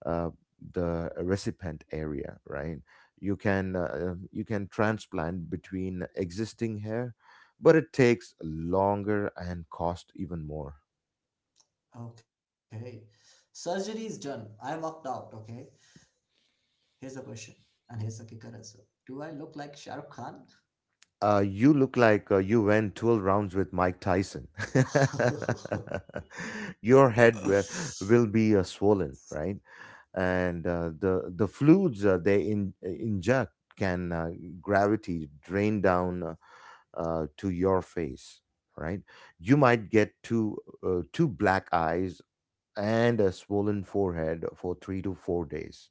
Speaker 1: uh, the recipient area, right? You can transplant between existing hair, but it takes longer and cost even more.
Speaker 2: Okay. Surgery is done. I walked out, okay? Here's the question, and here's the kicker as well. Do I look like Shah Rukh Khan?
Speaker 1: You look like you went 12 rounds with Mike Tyson. Your head will be swollen, right? And the fluids, they inject can gravity drain down to your face, right? You might get two black eyes and a swollen forehead for 3 to 4 days.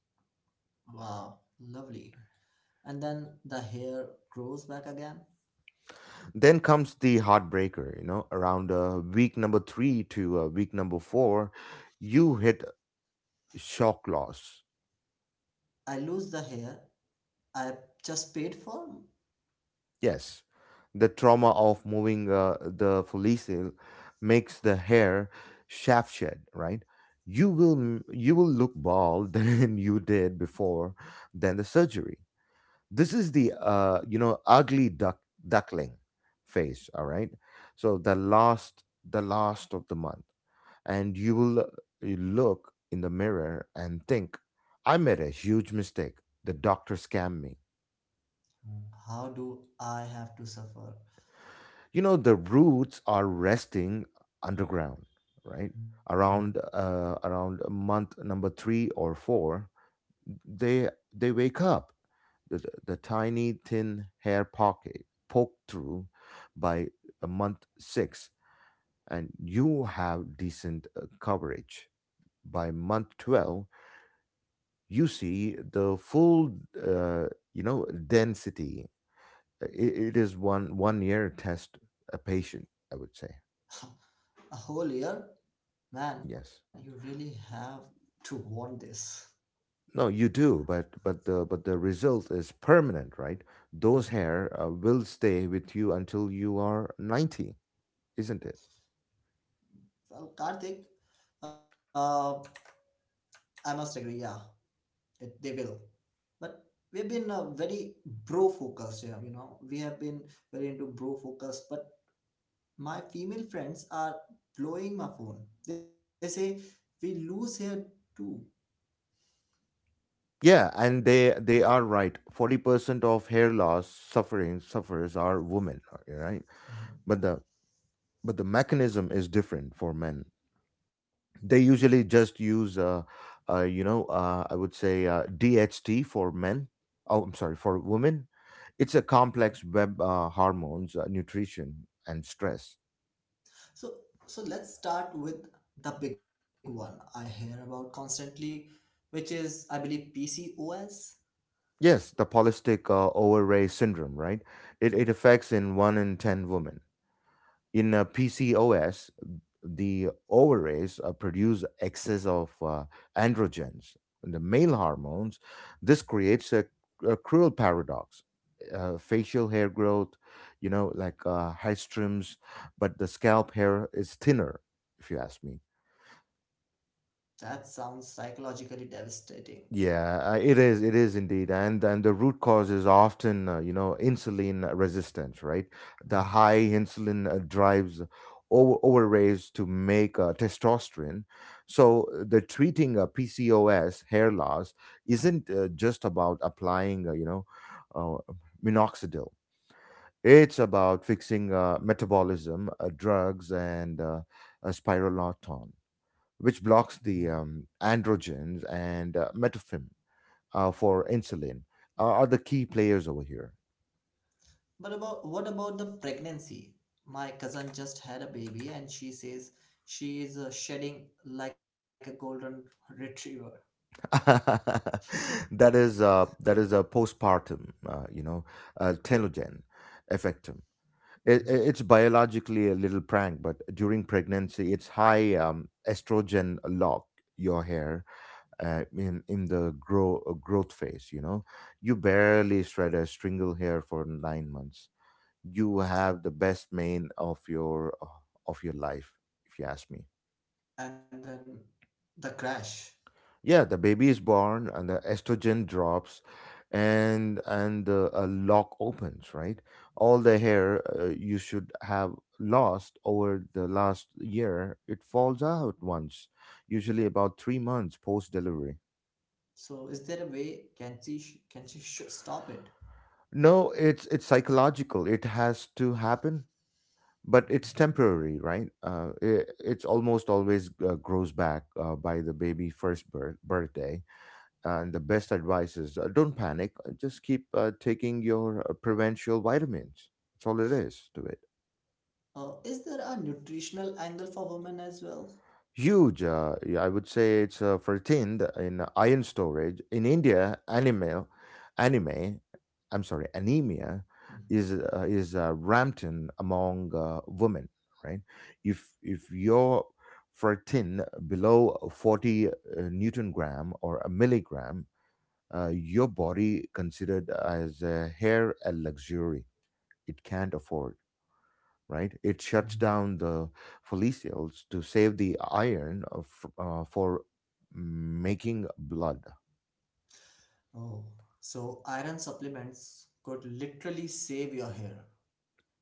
Speaker 2: Wow, lovely. And then the hair grows back again.
Speaker 1: Then comes the heartbreaker, you know, around week number three to week number four, you hit shock loss.
Speaker 2: I lose the hair I just paid for?
Speaker 1: Yes, the trauma of moving the follicle makes the hair shaft shed, right? You will you will look bald than you did before, than the surgery. This is the ugly duckling phase. All right, so the last of the month, and you look in the mirror and think, I made a huge mistake. The doctor scammed me.
Speaker 2: Mm. How do I have to suffer?
Speaker 1: You know, the roots are resting underground, right?
Speaker 2: Mm.
Speaker 1: Around month number three or four, they wake up. The tiny thin hair pocket poked through by a month six, and you have decent coverage. By month 12, you see the full density. It is one year test a patient, I would say.
Speaker 2: A whole year?
Speaker 1: Yes.
Speaker 2: Man, you really have to want this.
Speaker 1: No, you do. But the result is permanent, right? Those hair
Speaker 2: Mhm.
Speaker 1: will stay with you until you are 90, isn't it?
Speaker 2: Well, Karthik, uh, I must agree, yeah, they will. But we've been very bro focused here. We have been very into bro focus, but my female friends are blowing my phone. They say we lose here too.
Speaker 1: Yeah, and they are right. 40% of hair loss suffering sufferers are women, right.
Speaker 2: Mhm.
Speaker 1: But the but the mechanism is different for men. They usually just use I would say DHT for men. Oh, I'm sorry, for women. It's a complex web: hormones, nutrition and stress.
Speaker 2: So, so, let's start with the big one I hear about constantly, which is, I believe, PCOS.
Speaker 1: Yes, the polycystic ovary syndrome, right? it,
Speaker 2: Mhm.
Speaker 1: it affects in 1 in 10 women. In PCOS, the ovaries produce excess of androgens, the male hormones. This creates a cruel paradox. Facial hair growth, you know, like high trims, but the scalp hair is thinner, if you ask me.
Speaker 2: That sounds psychologically devastating.
Speaker 1: Yeah, it is. It is indeed, and the root cause is often, insulin resistance, right? The
Speaker 2: Mhm.
Speaker 1: high insulin drives overraise to make testosterone. So the treating PCOS hair loss isn't just about applying, uh, minoxidil. It's about fixing metabolism, drugs, and spironolactone, which
Speaker 2: Mhm.
Speaker 1: blocks the androgens and metformin for insulin are the key players over here.
Speaker 2: But about what about the pregnancy? My cousin just had a baby, and she says she is shedding like a golden retriever.
Speaker 1: That is a postpartum, telogen effectum. It,
Speaker 2: Mhm.
Speaker 1: it- it's biologically a little prank, but during pregnancy, it's high estrogen lock your hair in the growth phase. You know, you barely shred a single hair for 9 months. You have the best mane of your life, if you ask me.
Speaker 2: And then the crash.
Speaker 1: Yeah, the baby is born and the estrogen drops and the a lock opens, right? All the hair you should have lost over the last year, it falls out once, usually about 3 months post delivery.
Speaker 2: So, is there a way? Can she stop it?
Speaker 1: No, it's psychological. It has to happen, but it's
Speaker 2: Okay.
Speaker 1: temporary, right? It's almost always grows back by the baby first birthday. And the best advice is don't panic, just keep taking your provincial vitamins. That's all it is to it.
Speaker 2: Is there a nutritional angle for women as well?
Speaker 1: Huge, yeah, I would say it's 13 in iron storage. In India, anime, I'm sorry, anemia
Speaker 2: Mhm.
Speaker 1: is rampant among women, right? If your are ferritin below 40 newton gram or a milligram, your body considered as a hair a luxury, it can't afford, right? It shuts
Speaker 2: Mhm.
Speaker 1: down the follicles to save the iron of, for making blood.
Speaker 2: Oh, so iron supplements could literally save your hair.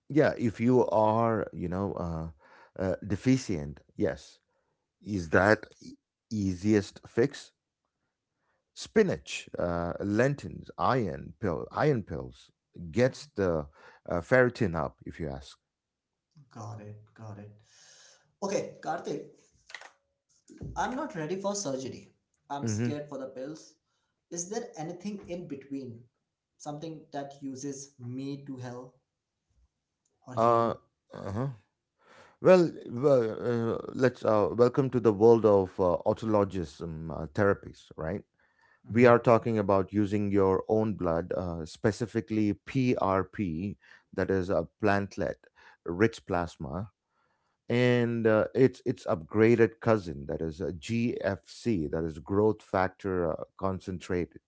Speaker 1: Yeah, if you are deficient, yes. Is that easiest fix? Spinach, lentils, iron pills
Speaker 2: Mhm.
Speaker 1: gets the ferritin up, if you ask.
Speaker 2: Got it, got it. Okay, Karthik, I'm not ready for surgery. I'm scared for the
Speaker 1: Hmm.
Speaker 2: pills. Is there anything in between? Something that uses me to help or
Speaker 1: uh,
Speaker 2: heal?
Speaker 1: uh-huh. Well, let's welcome to the world of autologism therapies, right? We are talking about using your own blood, specifically PRP, that is a plantlet rich plasma, and its upgraded cousin, that is a GFC, that is growth factor concentrated,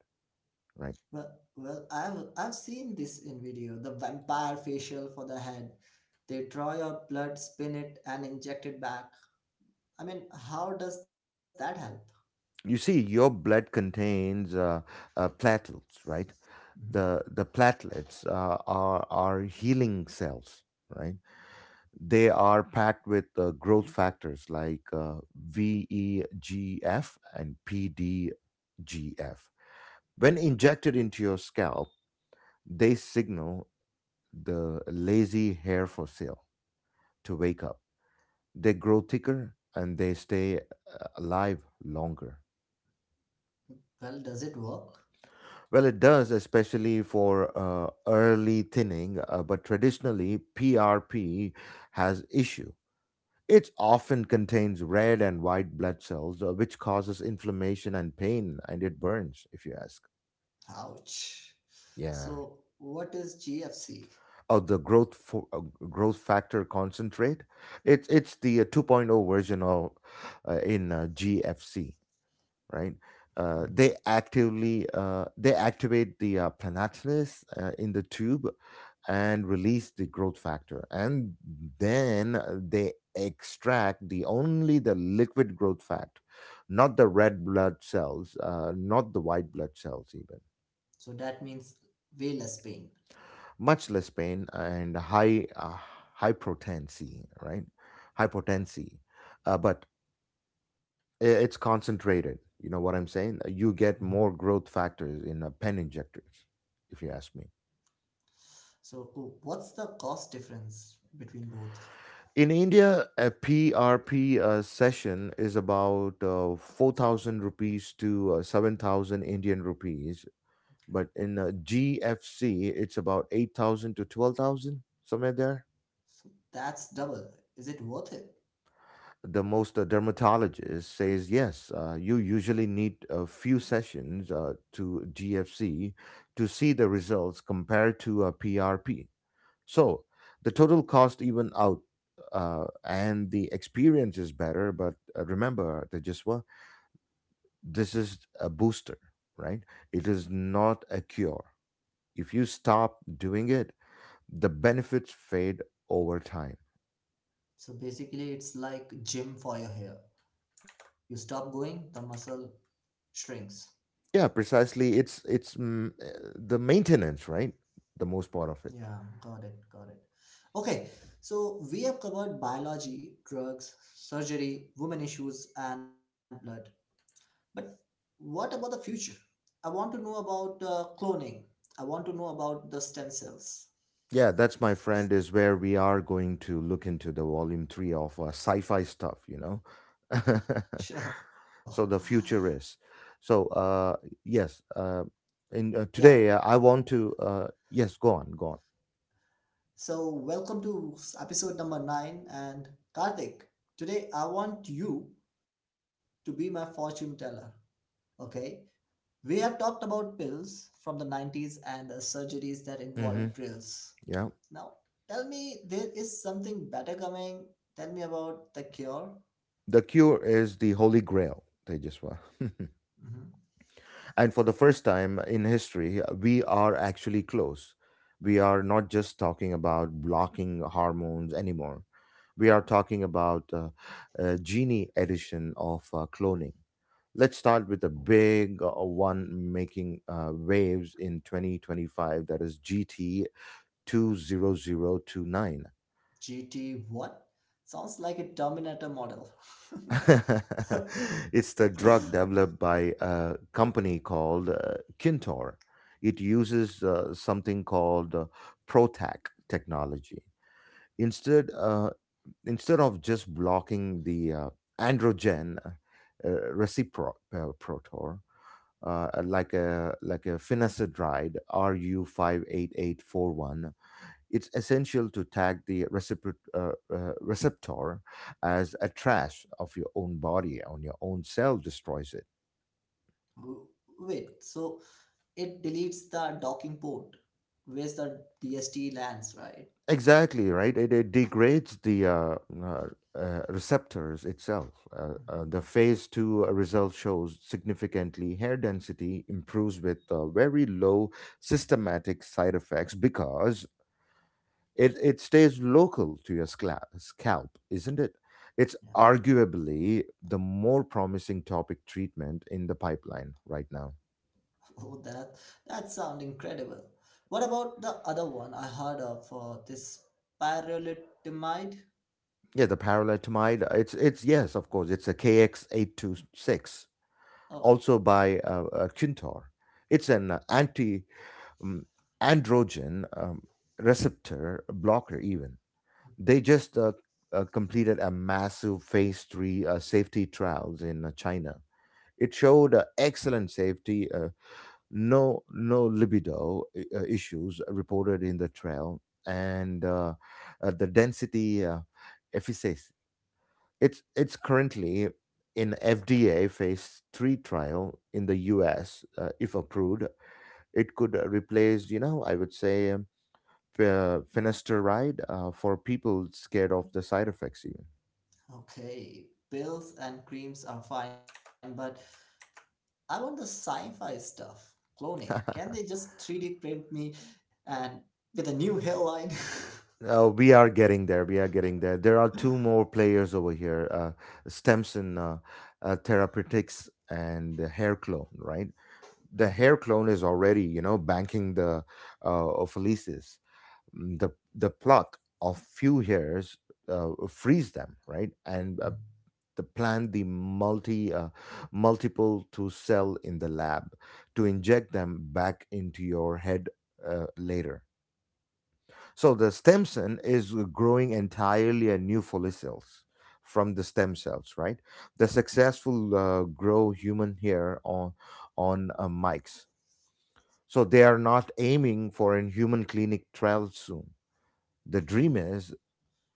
Speaker 1: right?
Speaker 2: Well, I've seen this in video. The vampire facial for the head. They draw your blood, spin it, and inject it back. I mean, how does that help?
Speaker 1: You see, your blood contains platelets, right?
Speaker 2: Mhm.
Speaker 1: The platelets are healing cells, right? They are packed with growth factors like vegf and pdgf. When injected into your scalp, they signal the lazy hair for sale to wake up. They grow thicker and they stay alive longer.
Speaker 2: Well, does it work?
Speaker 1: Well, it does, especially for early thinning, but traditionally, PRP has issue. It often contains red and white blood cells, which causes inflammation and pain, and it burns, if you ask.
Speaker 2: Ouch.
Speaker 1: Yeah.
Speaker 2: So, what is GFC?
Speaker 1: Oh, the growth factor concentrate. It's the 2.0 version of in GFC, right?
Speaker 2: Mhm.
Speaker 1: They activate the planatilus in the tube and release the growth factor, and then they extract the only the liquid growth factor, not the red blood cells, not the white blood cells even.
Speaker 2: So that means way less pain.
Speaker 1: Much less pain and high potency, right? High potency, but it's concentrated. You know what I'm saying? You
Speaker 2: Mhm.
Speaker 1: get more growth factors in pen injectors, if you ask me.
Speaker 2: So, oh, what's the cost difference between both?
Speaker 1: In India, a PRP session is about 4,000 rupees to 7,000 Indian rupees.
Speaker 2: Okay.
Speaker 1: But in GFC, it's about 8,000 to 12,000, somewhere there.
Speaker 2: So that's double. Is it worth it?
Speaker 1: The most dermatologist says, yes, you usually need a few sessions to GFC to see the results compared to a PRP. So the total cost even out, and the experience is better. But remember, Tejaswa, this is a booster, right? It is not a cure. If you stop doing it, the benefits fade over time.
Speaker 2: So basically, it's like gym for your hair. You stop going, the muscle shrinks.
Speaker 1: Yeah, precisely. It's the maintenance, right? The most part of it.
Speaker 2: Yeah, got it, got it. Okay, so we have covered biology, drugs, surgery, women issues, and blood. But what about the future? I want to know about cloning. I want to know about the stem cells.
Speaker 1: Yeah, that's, my friend, is where we are going to look into the volume 3 of sci-fi stuff.
Speaker 2: Sure,
Speaker 1: So the future is. So yes, in
Speaker 2: yeah.
Speaker 1: today I want to yes, go on, go on.
Speaker 2: So welcome to episode number 9, and Karthik, today I want you to be my fortune teller. Okay. We have talked about pills from the 90s and surgeries that involve
Speaker 1: Hmm.
Speaker 2: drills.
Speaker 1: Yeah,
Speaker 2: Now, tell me there is something better coming. Tell me about the cure.
Speaker 1: the cure is the holy grail. They just were.
Speaker 2: Mhm.
Speaker 1: And for the first time in history, we are actually close. We are not just talking about blocking hormones anymore. We are talking about a genie edition of cloning. Let's start with a big one, making waves in 2025, that is GT 20029.
Speaker 2: GT what? Sounds like a Terminator model. W-
Speaker 1: It's the drug developed by a company called Kintor. It uses something called PROTAC technology. Instead, uh, Instead of just blocking the androgen reciprotor, like a finasteride RU 58841. It's essential to tag the receptor as a trash of your own body. On your own cell destroys it.
Speaker 2: Wait, so it deletes the docking port where the DST lands, right?
Speaker 1: Exactly right. It degrades the uh, receptors itself.
Speaker 2: Mhm.
Speaker 1: The phase 2 result shows significantly hair density improves with very low systematic side effects, because it stays local to your scalp, isn't it? It's arguably the more promising topic treatment in the pipeline right now.
Speaker 2: Oh, that sound incredible. What about the other one I heard of for this pyrrolidomide?
Speaker 1: Yeah, the paralitamide. It's yes, of course. It's a KX 826,
Speaker 2: Oh,
Speaker 1: also by Quintor. It's an anti um, androgen receptor blocker. Even they
Speaker 2: mhm.
Speaker 1: just completed a massive phase 3 safety trials in China. It showed excellent safety, no libido issues reported in the trail, and the density efficacy. It's currently in FDA phase 3 trial in the U.S. If approved, it could replace, you know, I would say finasteride for people scared of the side effects even.
Speaker 2: Okay. Pills and creams are fine, but I want the sci-fi stuff. Cloning. Can they just 3D print me and with a new hairline?
Speaker 1: We are getting there. We are getting there. There are two more players over here: Stemson Therapeutics and the Hair Clone. Right,
Speaker 2: Mhm,
Speaker 1: the Hair Clone is already, you know, banking the Ophelices. Mm. The pluck of few hairs frees them, right, and
Speaker 2: mhm.
Speaker 1: the plan the multi multiple to sell in the lab to inject them back into your head later. So the stem cell is growing entirely a new follicles from the stem cells, right? The successful grow human hair on mics. So they are not aiming for a human clinic trial soon. The
Speaker 2: Okay.
Speaker 1: dream is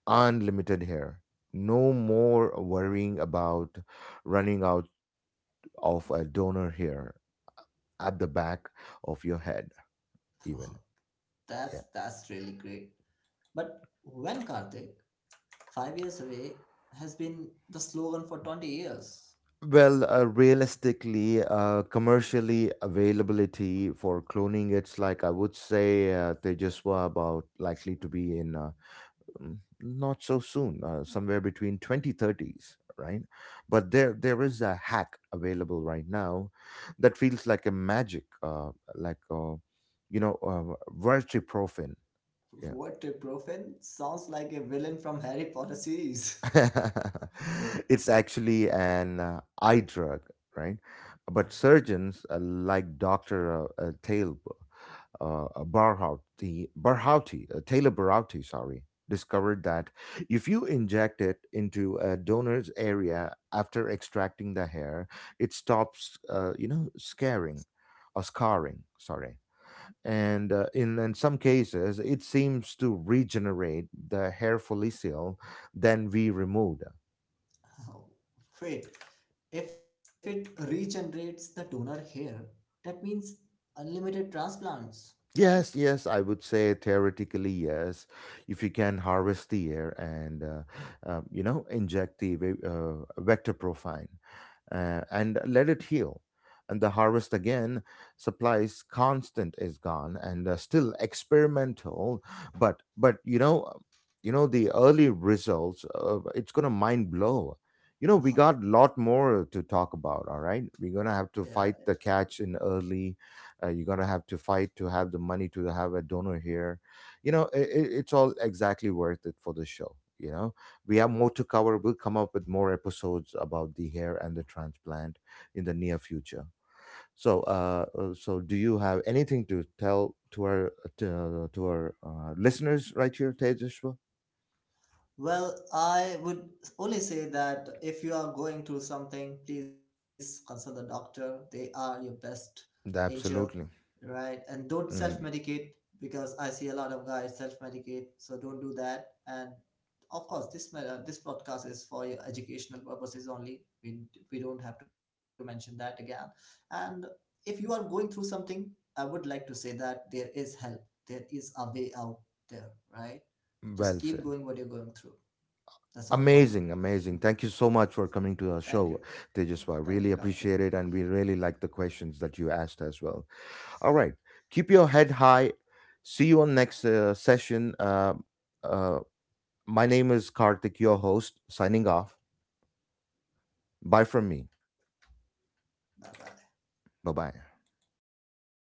Speaker 1: unlimited hair. No more worrying about running out of a donor hair at the back of your head,
Speaker 2: Oh,
Speaker 1: even. Yeah.
Speaker 2: that's really great. But when Karthik, 5 years away, has been the slogan for 20 years.
Speaker 1: Well, realistically, commercially availability for cloning, it's like I would say they just were about likely to be in not so soon, somewhere between 2030s, right? But there is a hack available right now that feels like a magic, like vertiprofen.
Speaker 2: What Ibuprofen sounds like a villain from Harry Potter series.
Speaker 1: It's actually an eye drug, right?
Speaker 2: Okay.
Speaker 1: But surgeons like Dr. Taylor Barhouti, Barhouti, Taylor Barhouti, sorry, discovered that if you inject it into a donor's area after extracting the hair, it stops, scaring or scarring, sorry. And in some cases, it seems to regenerate the hair follicle then we removed.
Speaker 2: Oh, wait, if it regenerates the donor hair, that means unlimited transplants, right?
Speaker 1: Yes, yes, I would say theoretically, yes. If you can harvest the air and, inject the vector profile and let it heal. And the harvest again supplies constant is gone and still experimental, but you know the early results. It's gonna mind blow. You know we
Speaker 2: Wow,
Speaker 1: got a lot more to talk about. All right, we're gonna
Speaker 2: yeah.
Speaker 1: have to fight the catch in early. You're gonna have to fight to have the money to have a donor here, you know it, it's all exactly worth it for the show. We have more to cover. We'll come up with more episodes about the hair and the transplant in the near future. So so do you have anything to tell to to our listeners right here, Tejashwa?
Speaker 2: Well, I would only say that if you are going through something, please consult the doctor. They are your best angel,
Speaker 1: Absolutely.
Speaker 2: right? And don't self
Speaker 1: Hmm.
Speaker 2: medicate because I see a lot of guys self medicate, so don't do that. And of course, this podcast is for your educational purposes only. We don't have to mention that again. And if you are going through something, I would like to say that there is help. There is a way out there, right? Just
Speaker 1: Well
Speaker 2: keep
Speaker 1: said.
Speaker 2: going what you're going through. That's all from me.
Speaker 1: Amazing, amazing. Thank you so much for coming to our
Speaker 2: Thank you.
Speaker 1: show,
Speaker 2: Thank you,
Speaker 1: Tejaswa.
Speaker 2: Karthik.
Speaker 1: Really appreciate it. And we really like the questions that you asked as well. All right. Keep your head high. See you on next session. Uh, my name is Karthik, your host, signing off. Bye from me.
Speaker 2: Bye bye.
Speaker 1: Bye bye.